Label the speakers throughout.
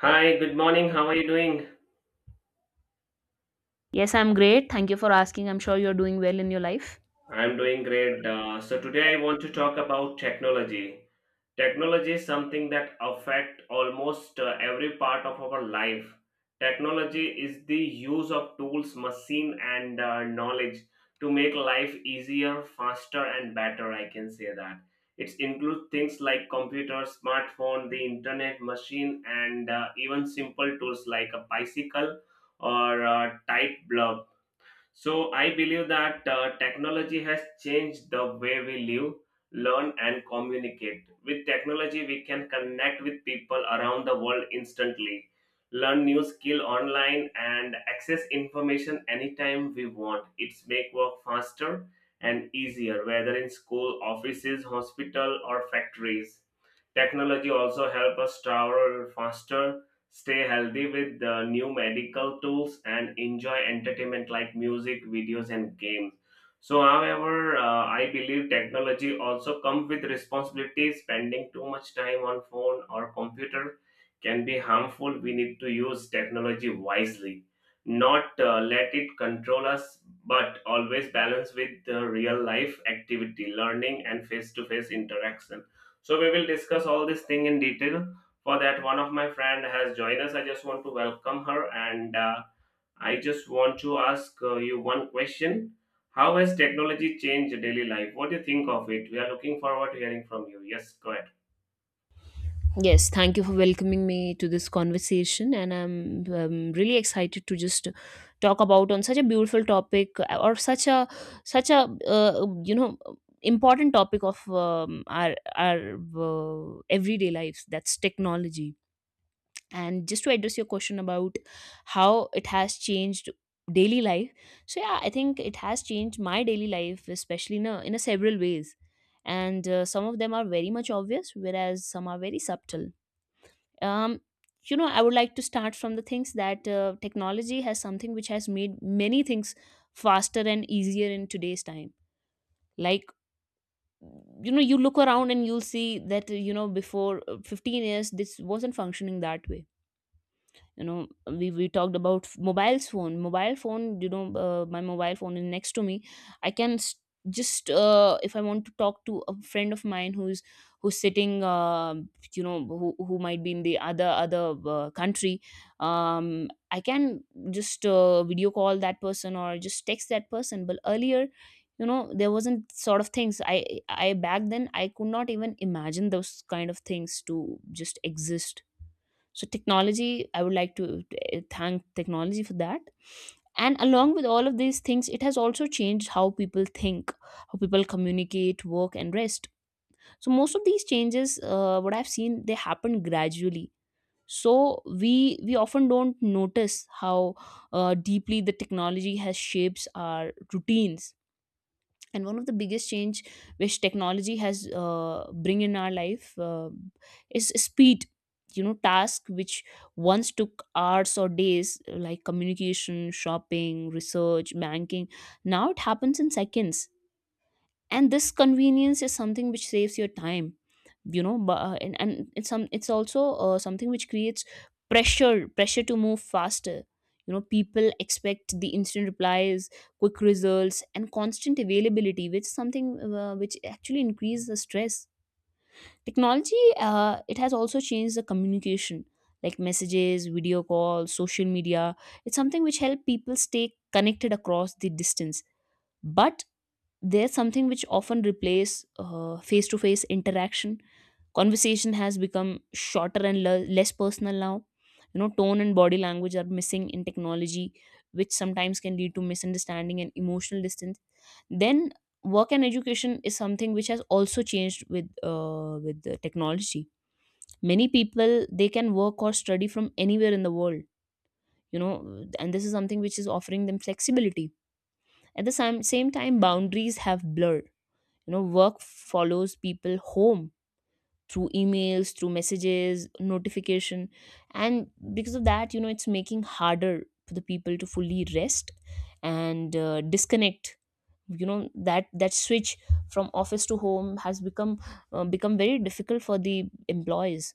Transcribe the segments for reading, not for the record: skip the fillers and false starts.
Speaker 1: Hi, good morning. How are you doing?
Speaker 2: Yes, I'm great. Thank you for asking. I'm sure you're doing well in your life.
Speaker 1: I'm doing great. So today I want to talk about technology. Technology is something that affect almost every part of our life. Technology is the use of tools, machine, and knowledge to make life easier, faster, and better. I can say that it includes things like computer, smartphone, the internet, machine, and even simple tools like a bicycle or a tight bulb. So I believe that technology has changed the way we live, learn, and communicate. With technology, we can connect with people around the world instantly, learn new skill online, and access information anytime we want. It's make work faster and easier, whether in school, offices, hospital, or factories. Technology also help us travel faster, stay healthy with the new medical tools, and enjoy entertainment like music, videos, and games. So, however, I believe technology also comes with responsibilities. Spending too much time on phone or computer can be harmful. We need to use technology wisely, not let it control us, but always balance with the real life activity, learning, and face to face interaction. So we will discuss all this thing in detail. For that, one of my friend has joined us. I just want to welcome her, and I just want to ask you one question: how has technology changed daily life? What do you think of it? We are looking forward to hearing from you. Yes, go ahead.
Speaker 2: Yes, thank you for welcoming me to this conversation, and I'm really excited to just talk about on such a beautiful topic or such a uh, you know important topic of our everyday lives. That's technology. And just to address your question about how it has changed daily life, so yeah, I think it has changed my daily life, especially in a several ways. And some of them are very much obvious, whereas some are very subtle. um you know, I would like to start from the things that technology has something which has made many things faster and easier in today's time. Like, you know, you look around and you'll see that you know, before 15 years this wasn't functioning that way. You know, we talked about mobile phone. Mobile phone, you know, my mobile phone is next to me. I can s Just if I want to talk to a friend of mine who's who's sitting, you know, who might be in the other country, um I can just video call that person or just text that person. But earlier, you know, there wasn't sort of things. I back then, I could not even imagine those kind of things to just exist. So technology, I would like to thank technology for that. And along with all of these things, it has also changed how people think, how people communicate, work, and rest. So most of these changes, what I've seen, they happen gradually. So we we often don't notice how deeply the technology has shapes our routines. And one of the biggest change which technology has bring in our life is speed. You know, task which once took hours or days, like communication, shopping, research, banking, now it happens in seconds. And this convenience is something which saves your time. You know, but, and it's some, it's also something which creates pressure, to move faster. You know, people expect the instant replies, quick results, and constant availability, which is something which actually increases the stress. Technology, it has also changed the communication, like messages, video calls, social media. It's something which help people stay connected across the distance. But there's something which often replace face-to-face interaction. Conversation has become shorter and less personal now. You know, tone and body language are missing in technology, which sometimes can lead to misunderstanding and emotional distance. Then work and education is something which has also changed with the technology. Many people, they can work or study from anywhere in the world. You know, and this is something which is offering them flexibility. At the same time, boundaries have blurred. You know, work follows people home through emails, through messages, notification. And because of that, you know, it's making harder for the people to fully rest and disconnect. You know, that that switch from office to home has become become very difficult for the employees.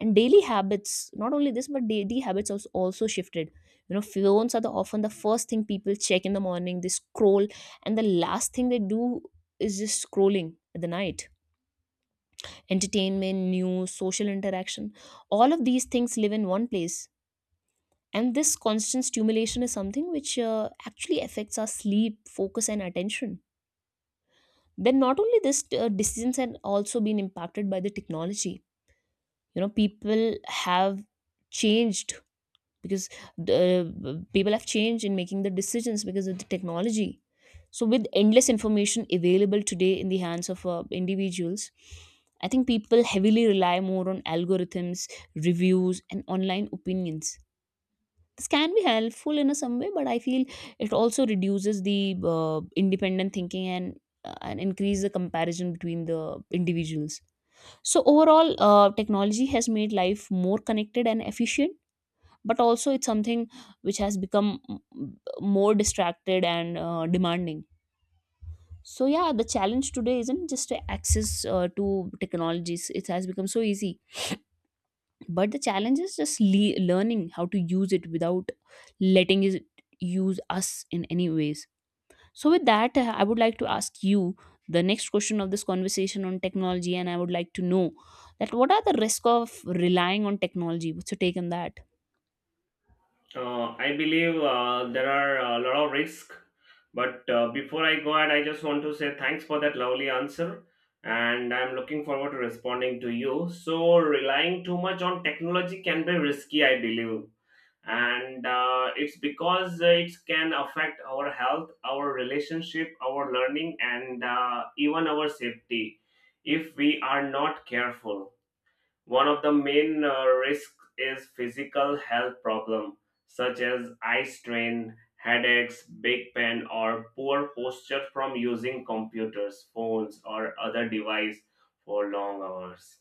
Speaker 2: And daily habits, not only this, but daily habits also shifted. You know, phones are the often the first thing people check in the morning. They scroll, and the last thing they do is just scrolling at the night. Entertainment, news, social interaction, all of these things live in one place. And this constant stimulation is something which actually affects our sleep, focus, and attention. Then not only this, decisions have also been impacted by the technology. You know, have changed because people have changed in making the decisions because of the technology. So with endless information available today in the hands of individuals, I think people heavily rely more on algorithms, reviews, and online opinions. This can be helpful in a some way, but I feel it also reduces the independent thinking and increase the comparison between the individuals. So overall, technology has made life more connected and efficient, but also it's something which has become more distracted and demanding. So yeah, the challenge today isn't just to access to technologies, it has become so easy, but the challenge is just learning how to use it without letting it use us in any ways. So with that, I would like to ask you the next question of this conversation on technology, and I would like to know that what are the risk of relying on technology? What's your take on that?
Speaker 1: I believe there are a lot of risks, but before I go ahead, I just want to say thanks for that lovely answer. And I'm looking forward to responding to you. So, relying too much on technology can be risky, I believe, and it's because it can affect our health, our relationship, our learning, and even our safety if we are not careful. One of the main risks is physical health problem, such as eye strain, headaches, back pain, or poor posture from using computers, phones, or other device for long hours.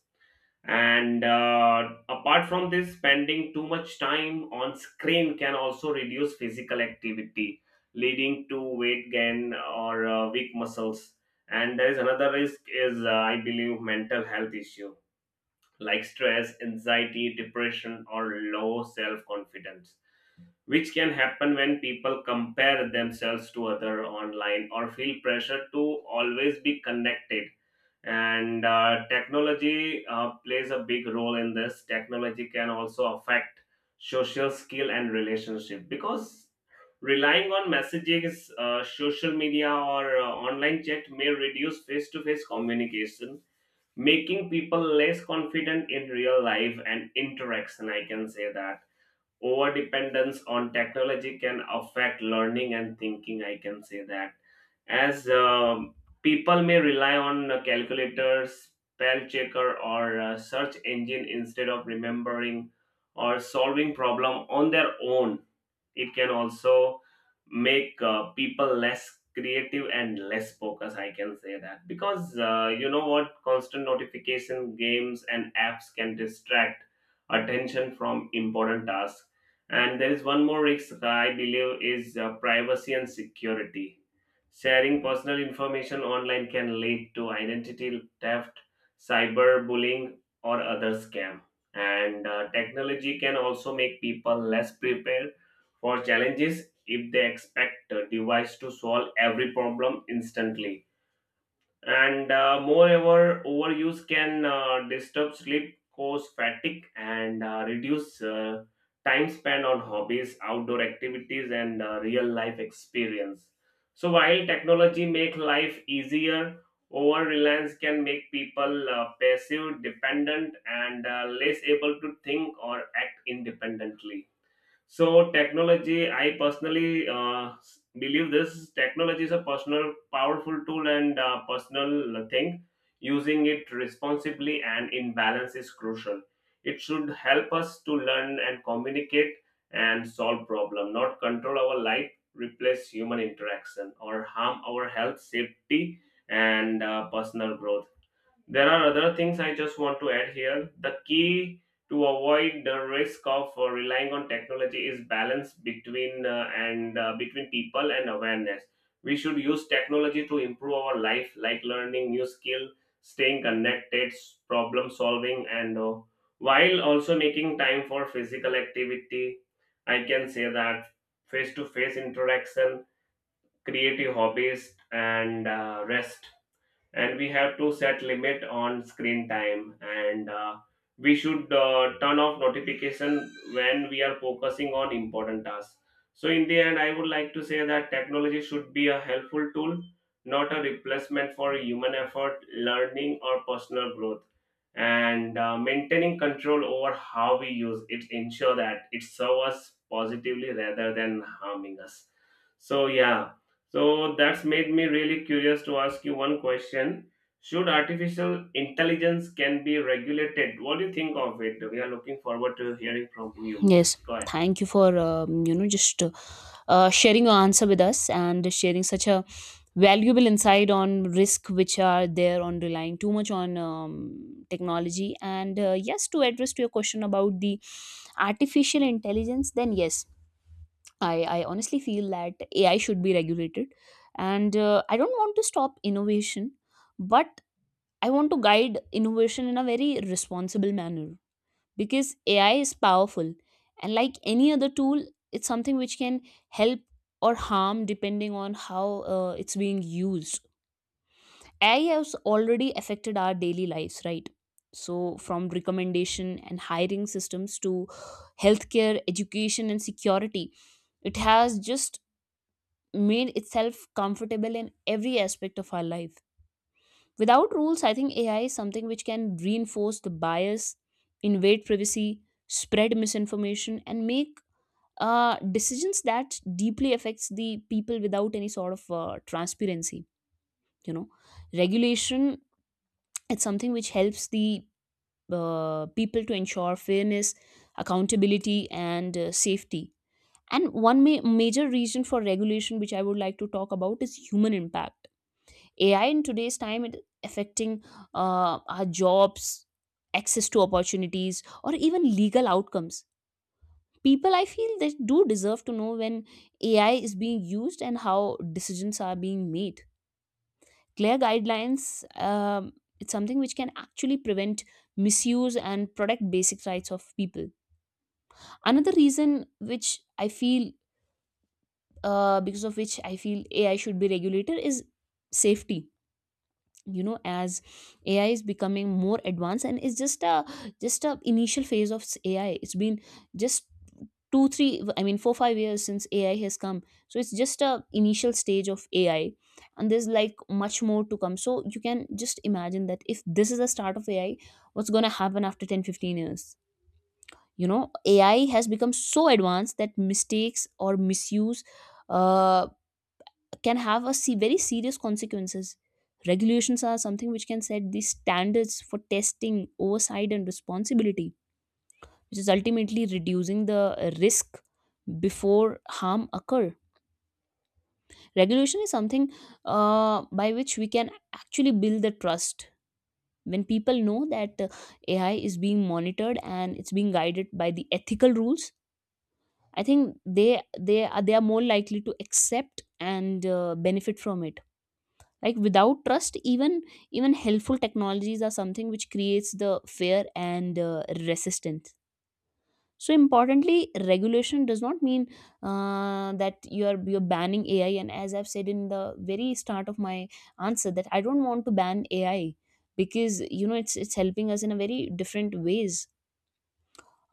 Speaker 1: And apart from this, spending too much time on screen can also reduce physical activity, leading to weight gain or weak muscles. And there is another risk is I believe mental health issue, like stress, anxiety, depression, or low self confidence, which can happen when people compare themselves to other online or feel pressure to always be connected. And technology plays a big role in this. Technology can also affect social skill and relationship because relying on messages, social media, or online chat may reduce face-to-face communication, making people less confident in real life and interaction. I can say that overdependence on technology can affect learning and thinking. I can say that as people may rely on calculators, spell checker, or search engine instead of remembering or solving problem on their own. It can also make people less creative and less focused. I can say that because, you know what, constant notification, games, and apps can distract attention from important tasks. And there is one more risk I believe is privacy and security. Sharing personal information online can lead to identity theft, cyberbullying, or other scam. And technology can also make people less prepared for challenges, if they expect a device to solve every problem instantly. And moreover, overuse can disturb sleep, cause fatigue, and reduce time spent on hobbies, outdoor activities, and real life experience. So, while technology make life easier, over reliance can make people passive, dependent, and less able to think or act independently. So technology, I personally believe this technology is a personal, powerful tool and personal thing. Using it responsibly and in balance is crucial. It should help us to learn and communicate and solve problem, not control our life, replace human interaction, or harm our health, safety, and personal growth. There are other things I just want to add here. The key to avoid the risk of relying on technology is balance between and between people and awareness. We should use technology to improve our life, like learning new skill, staying connected, problem solving, and while also making time for physical activity. I can say that face to face interaction, creative hobbies, and rest. And we have to set limit on screen time, and we should turn off notification when we are focusing on important tasks. So in the end, I would like to say that technology should be a helpful tool, not a replacement for human effort, learning, or personal growth. And maintaining control over how we use it ensure that it serves us positively rather than harming us. So yeah, so that's made me really curious to ask you one question. Should artificial intelligence can be regulated? What do you think of it? We are looking forward to hearing from you.
Speaker 2: Yes,
Speaker 1: Just go ahead.
Speaker 2: thank you for you know just sharing your answer with us and sharing such a valuable insight on risk which are there on relying too much on technology. And yes, to address to your question about the artificial intelligence, then yes, I honestly feel that AI should be regulated, and I don't want to stop innovation, but I want to guide innovation in a very responsible manner because AI is powerful. And like any other tool, it's something which can help or harm depending on how it's being used. AI has already affected our daily lives, right? So, from recommendation and hiring systems to healthcare, education, and security, it has just made itself comfortable in every aspect of our life. Without rules, I think AI is something which can reinforce the bias, invade privacy, spread misinformation, and make decisions that deeply affects the people without any sort of transparency. You know, regulation, it's something which helps the people to ensure fairness, accountability, and safety. And one major reason for regulation, which I would like to talk about, is human impact. AI in today's time, it affecting our jobs, access to opportunities, or even legal outcomes. People, I feel, they do deserve to know when AI is being used and how decisions are being made. Clear guidelines. It's something which can actually prevent misuse and protect basic rights of people. Another reason which I feel, because of which I feel AI should be regulated, is safety. You know, as AI is becoming more advanced, and it's just a initial phase of AI. It's been just 2 3, I mean 4 5 years since AI has come. So it's just a initial stage of AI, and there's like much more to come. So you can just imagine that if this is the start of AI, what's going to happen after 10, 15 years? You know, AI has become so advanced that mistakes or misuse uh, can have a very serious consequences. Regulations are something which can set the standards for testing, oversight, and responsibility, which is ultimately reducing the risk before harm occur. Regulation is something by which we can actually build the trust. When people know that AI is being monitored and it's being guided by the ethical rules, I think they are more likely to accept and benefit from it. Like without trust, even helpful technologies are something which creates the fear and resistance. So importantly, regulation does not mean that you're banning AI. And as I've said in the very start of my answer, that I don't want to ban AI, because you know, it's helping us in a very different ways.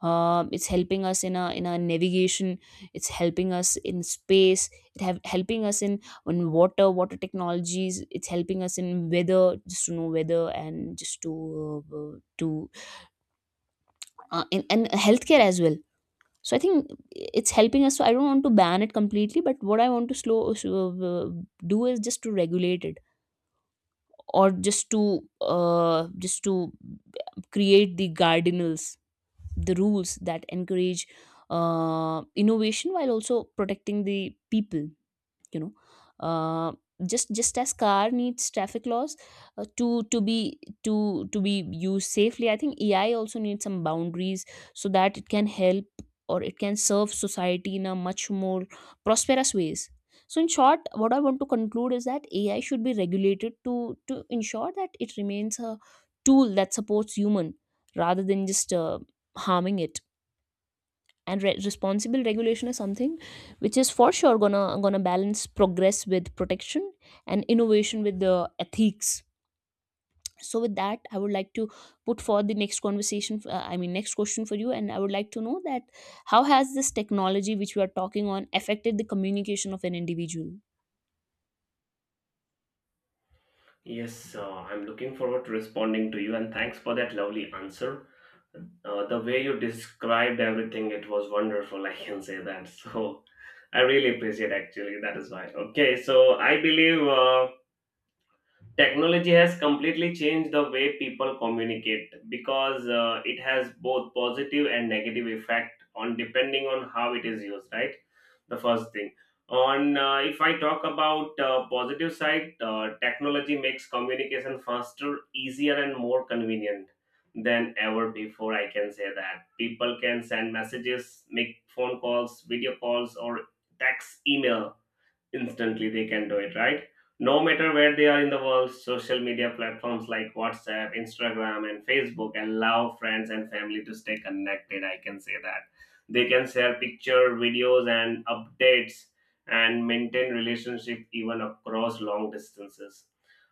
Speaker 2: It's helping us in a navigation. It's helping us in space. It have helping us in on water technologies. It's helping us in weather, just to know weather, and just to uh, uh, to and healthcare as well. So I think it's helping us, so I don't want to ban it completely, but what I want to uh, do is just to regulate it, or just to uh, just to create the guardians, the rules that encourage innovation while also protecting the people. You know, uh, just as car needs traffic laws to be used safely. I think AI also needs some boundaries so that it can help, or it can serve society in a much more prosperous ways. So in short, what I want to conclude is that AI should be regulated to ensure that it remains a tool that supports human rather than just harming it. And responsible regulation is something which is for sure gonna balance progress with protection, and innovation with the ethics. So with that, I would like to put forward the next conversation, I mean next question for you, and I would like to know that how has this technology which we are talking on affected the communication of an individual?
Speaker 1: Yes, I'm looking forward to responding to you, and thanks for that lovely answer. The way you described everything, it was wonderful. I can say that. So I really appreciate actually. That is why. Okay, so I believe. Technology has completely changed the way people communicate because it has both positive and negative effect on depending on how it is used, right? The first thing. On If I talk about positive side, technology makes communication faster, easier, and more convenient than ever before. I can say that people can send messages, make phone calls, video calls, or text email instantly. They can do it, right? No matter where they are in the world, social media platforms like whatsapp, instagram, and facebook allow friends and family to stay connected. I can say that they can share picture, videos, and updates and maintain relationship even across long distances.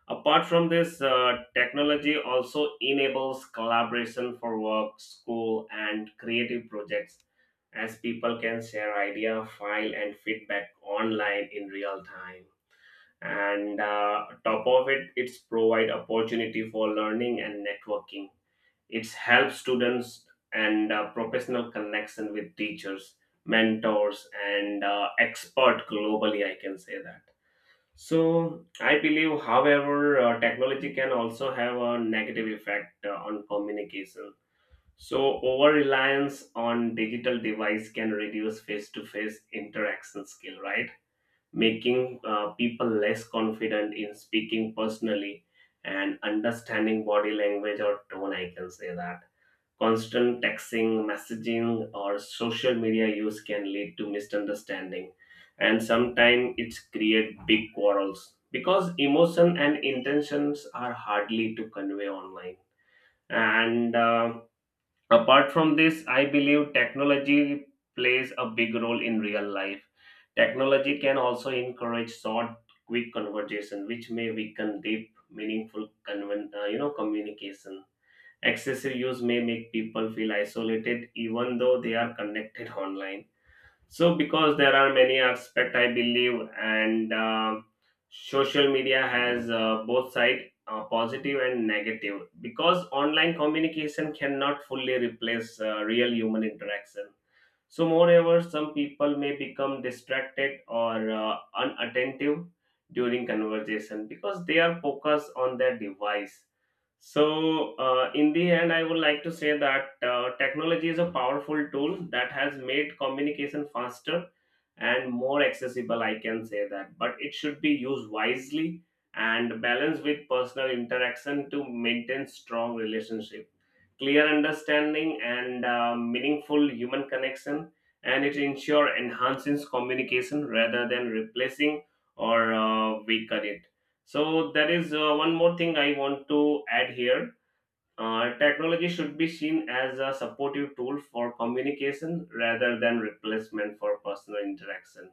Speaker 1: Apart from this, technology also enables collaboration for work, school, and creative projects, as people can share idea, file, and feedback online in real time. And top of it, it's provide opportunity for learning and networking. It's help students and professional connection with teachers, mentors, and expert globally. I can say that. So I believe, however, technology can also have a negative effect on communication, so over reliance on digital device can reduce face to face interaction skill, right? Making people less confident in speaking personally and understanding body language or tone. I can say that constant texting, messaging, or social media use can lead to misunderstanding, and sometimes it's create big quarrels because emotion and intentions are hardly to convey online. And. Uh, Apart from this, I believe technology plays a big role in real life. Technology can also encourage short, quick conversation, which may weaken deep, meaningful, communication. Excessive use may make people feel isolated, even though they are connected online. So, because there are many aspects, I believe, and social media has both side, positive and negative. Because online communication cannot fully replace real human interaction. So, moreover, some people may become distracted or unattentive during conversation because they are focused on their device. So, in the end, I would like to say that technology is a powerful tool that has made communication faster and more accessible. I can say that, but it should be used wisely and balanced with personal interaction to maintain strong relationship, clear understanding, and meaningful human connection. And it ensure enhances communication rather than replacing or weaken it. So there is one more thing I want to add here. Technology should be seen as a supportive tool for communication rather than replacement for personal interaction.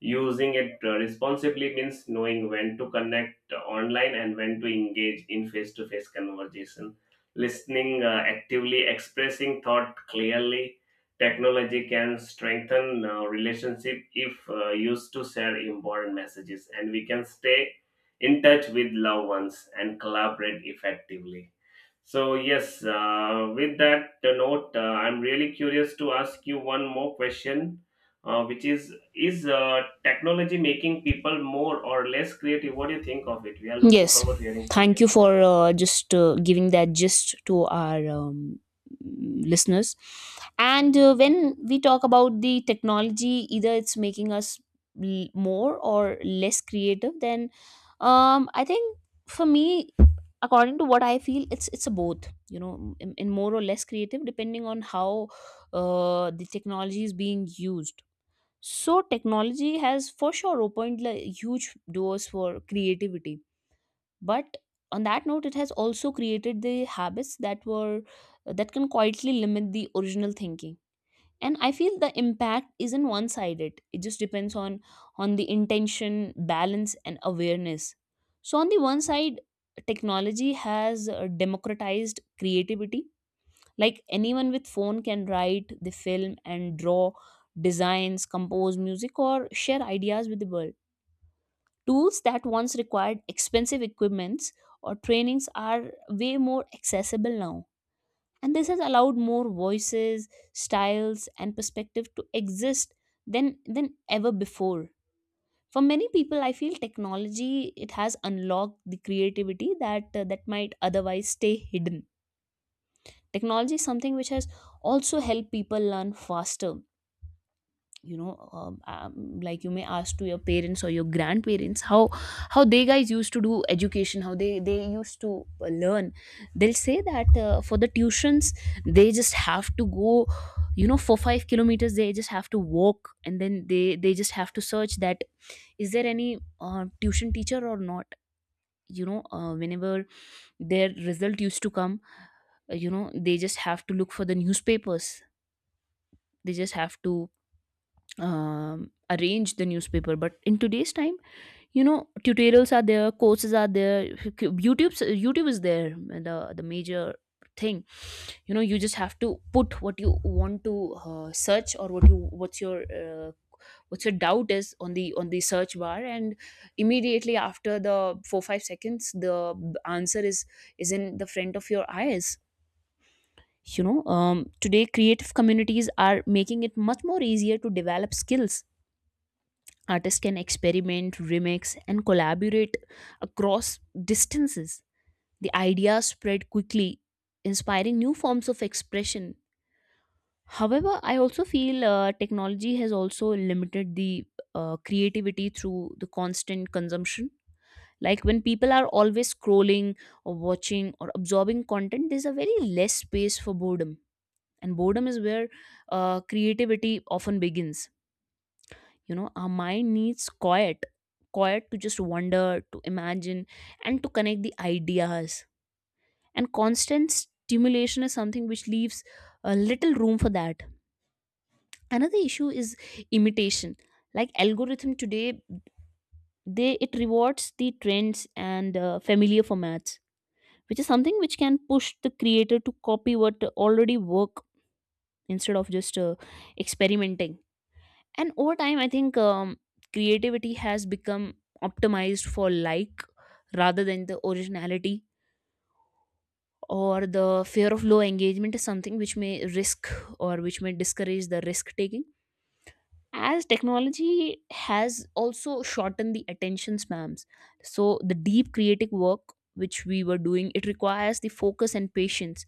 Speaker 1: Using it responsibly means knowing when to connect online and when to engage in face to face conversation. Listening actively, expressing thought clearly. Technology can strengthen relationship if used to share important messages, and we can stay in touch with loved ones and collaborate effectively. So yes, with that note, I'm really curious to ask you one more question, which is technology making people more or less creative? What do you think of it? We are looking
Speaker 2: Yes,
Speaker 1: forward to hearing from
Speaker 2: thank
Speaker 1: you.
Speaker 2: you for just giving that gist to our listeners. And when we talk about the technology, either it's making us more or less creative, then I think for me, according to what I feel, it's a both. You know, in more or less creative, depending on how the technology is being used. So technology has for sure opened like, huge doors for creativity, but on that note it has also created the habits that were that can quietly limit the original thinking. And I feel the impact isn't one sided, it just depends on the intention, balance and awareness. So on the one side, technology has democratized creativity, like anyone with phone can write the film and draw designs, compose music or share ideas with the world. Tools that once required expensive equipments or trainings are way more accessible now. And this has allowed more voices, styles, and perspective to exist than ever before. For many people, I feel technology it has unlocked the creativity that that might otherwise stay hidden. Technology is something which has also helped people learn faster. You know, like you may ask to your parents or your grandparents how they guys used to do education, how they used to learn. They'll say that for the tuitions they just have to go, you know, for 5 kilometers they just have to walk, and then they just have to search that is there any tuition teacher or not. You know, whenever their result used to come, you know, they just have to look for the newspapers, they just have to arrange the newspaper. But in today's time, you know, tutorials are there, courses are there, youtube youtube is there, the major thing, you know, you just have to put what you want to search or what's your doubt is on the search bar, and immediately after the 4 5 seconds answer is in the front of your eyes, you know. Today creative communities are making it much more easier to develop skills. Artists can experiment, remix, and collaborate across distances. The idea spread quickly, inspiring new forms of expression. However, I also feel technology has also limited the creativity through the constant consumption. Like when people are always scrolling or watching or absorbing content, there's a very less space for boredom. And boredom is where creativity often begins. You know, our mind needs quiet to just wonder, to imagine, and to connect the ideas. And constant stimulation is something which leaves a little room for that. Another issue is imitation, like algorithm today, they it rewards the trends and familiar formats, which is something which can push the creator to copy what already work instead of just experimenting. And over time I think creativity has become optimized for like, rather than the originality, or the fear of low engagement is something which may risk or which may discourage the risk taking, as technology has also shortened the attention spans. So the deep creative work which we were doing, it requires the focus and patience,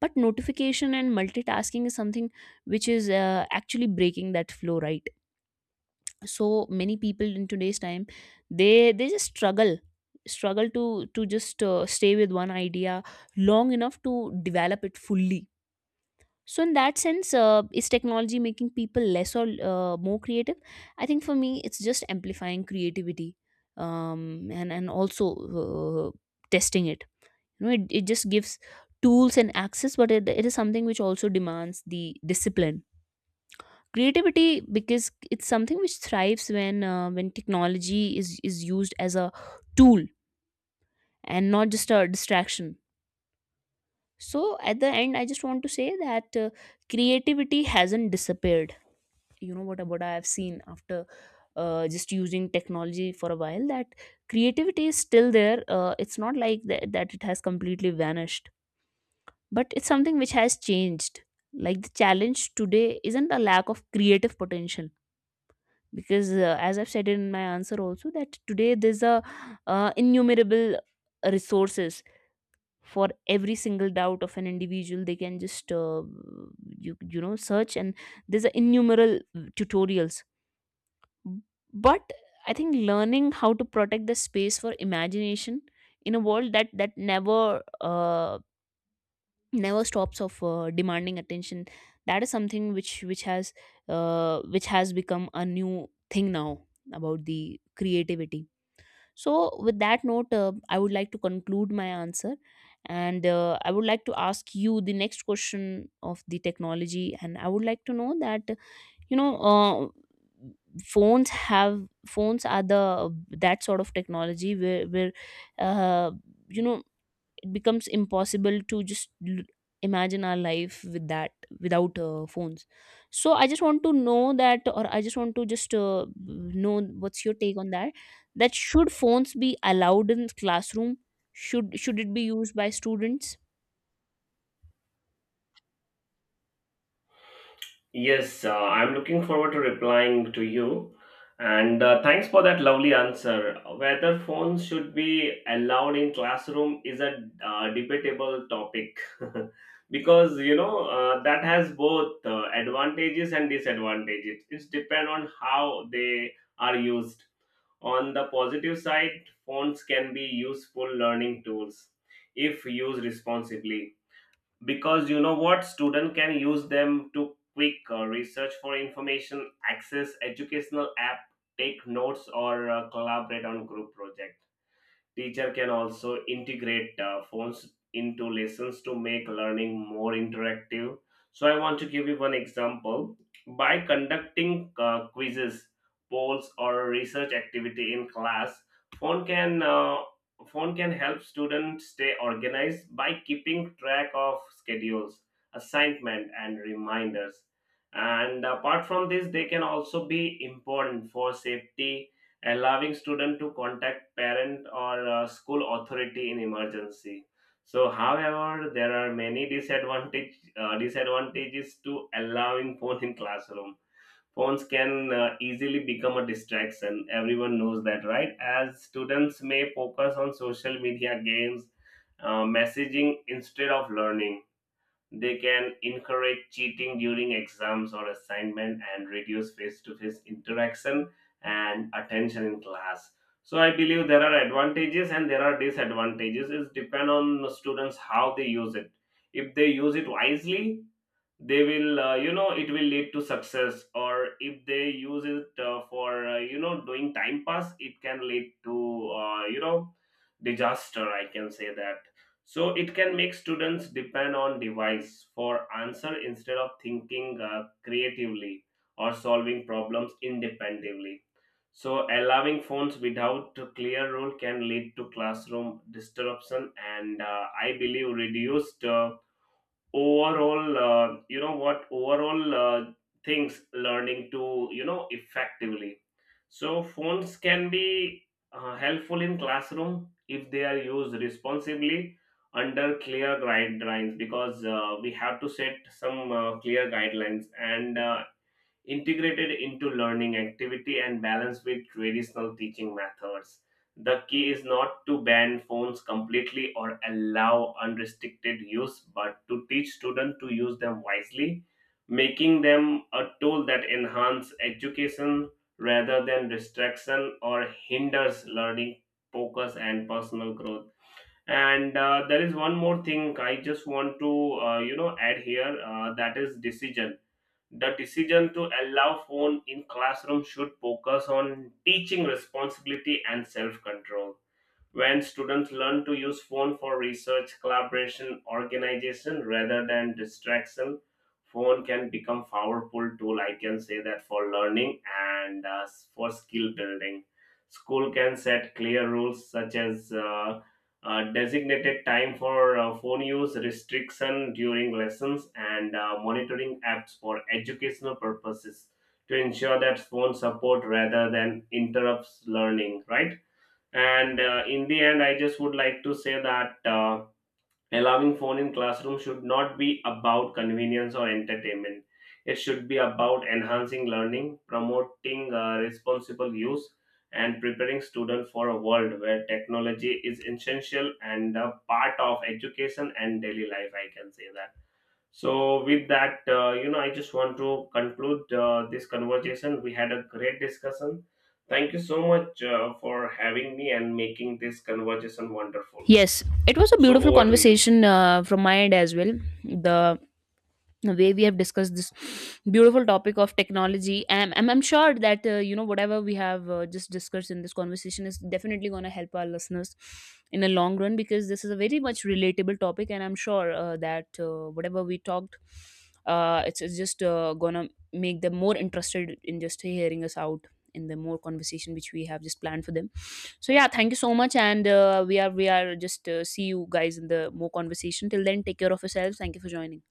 Speaker 2: but notification and multitasking is something which is actually breaking that flow, right? So many people in today's time, they just struggle to just stay with one idea long enough to develop it fully. So in that sense, is technology making people less or more creative? I think for me it's just amplifying creativity, and also uh, testing it. You know, it just gives tools and access, but it is something which also demands the discipline. Creativity, because it's something which thrives when when technology is used as a tool and not just a distraction. So at the end, I just want to say that creativity hasn't disappeared. You know, what I have seen after just using technology for a while, that creativity is still there. Uh, it's not like that it has completely vanished, but it's something which has changed. Like the challenge today isn't a lack of creative potential, because as I've said in my answer also, that today there's a innumerable resources for every single doubt of an individual. They can just you know, search, and there's a innumerable tutorials. But I think learning how to protect the space for imagination in a world that never uh, never stops of demanding attention, that is something which has which has become a new thing now about the creativity. So with that note, I would like to conclude my answer, and I would like to ask you the next question of the technology, and I would like to know that, you know, phones have phones are the that sort of technology where uh, you know it becomes impossible to just imagine our life with that, without phones. So I just want to know that, or I just want to just know what's your take on that, that should phones be allowed in classroom, should it be used by students?
Speaker 1: Yes, I'm looking forward to replying to you, and thanks for that lovely answer. Whether phones should be allowed in classroom is a debatable topic, because you know that has both advantages and disadvantages. It's depend on how they are used. On the positive side, phones can be useful learning tools if used responsibly. Because you know what, student can use them to quick research for information, access educational app, take notes, or collaborate on group project. Teacher can also integrate phones into lessons to make learning more interactive. So I want to give you one example. By conducting quizzes, polls, or research activity in class, phone can uh, phone can help students stay organized by keeping track of schedules, assignment, and reminders. And apart from this, they can also be important for safety, allowing student to contact parent or school authority in emergency. So however, there are many disadvantages to allowing phone in classroom. Phones can easily become a distraction, everyone knows that, right? As students may focus on social media, games, messaging instead of learning. They can encourage cheating during exams or assignment and reduce face to face interaction and attention in class. So I believe there are advantages and there are disadvantages. It depends on the students how they use it. If they use it wisely, they will, you know, it will lead to success, or if they use it for, you know, doing time pass, it can lead to, you know, disaster. I can say that. So it can make students depend on device for answer instead of thinking creatively or solving problems independently. So allowing phones without a clear rule can lead to classroom disruption and I believe reduced overall things learning to, you know, effectively. So phones can be helpful in classroom if they are used responsibly under clear guidelines, because we have to set some clear guidelines and integrated into learning activity and balanced with traditional teaching methods. The key is not to ban phones completely or allow unrestricted use, but to teach students to use them wisely, making them a tool that enhance education rather than distraction or hinders learning, focus, and personal growth. And there is one more thing I just want to you know add here, that is decision. The decision to allow phone in classroom should focus on teaching responsibility and self-control. When students learn to use phone for research, collaboration, organization rather than distraction, phone can become powerful tool. I can say that for learning and for skill building. School can set clear rules, such as designated time for phone use, restriction during lessons, and monitoring apps for educational purposes to ensure that phone support rather than interrupts learning, right? And in the end, I just would like to say that allowing phone in classroom should not be about convenience or entertainment. It should be about enhancing learning, promoting responsible use, and preparing students for a world where technology is essential and a part of education and daily life. I can say that. So, with that, you know, I just want to conclude this conversation. We had a great discussion. Thank you so much for having me and making this conversation wonderful.
Speaker 2: Yes, it was a
Speaker 1: So,
Speaker 2: beautiful
Speaker 1: over to you.
Speaker 2: conversation from my end as well. The the way we have discussed this beautiful topic of technology, and I'm sure that you know whatever we have just discussed in this conversation is definitely going to help our listeners in the long run, because this is a very much relatable topic, and I'm sure that whatever we talked, it's just going to make them more interested in just hearing us out in the more conversation which we have just planned for them. So yeah, thank you so much, and we are just see you guys in the more conversation. Till then, take care of yourselves. Thank you for joining.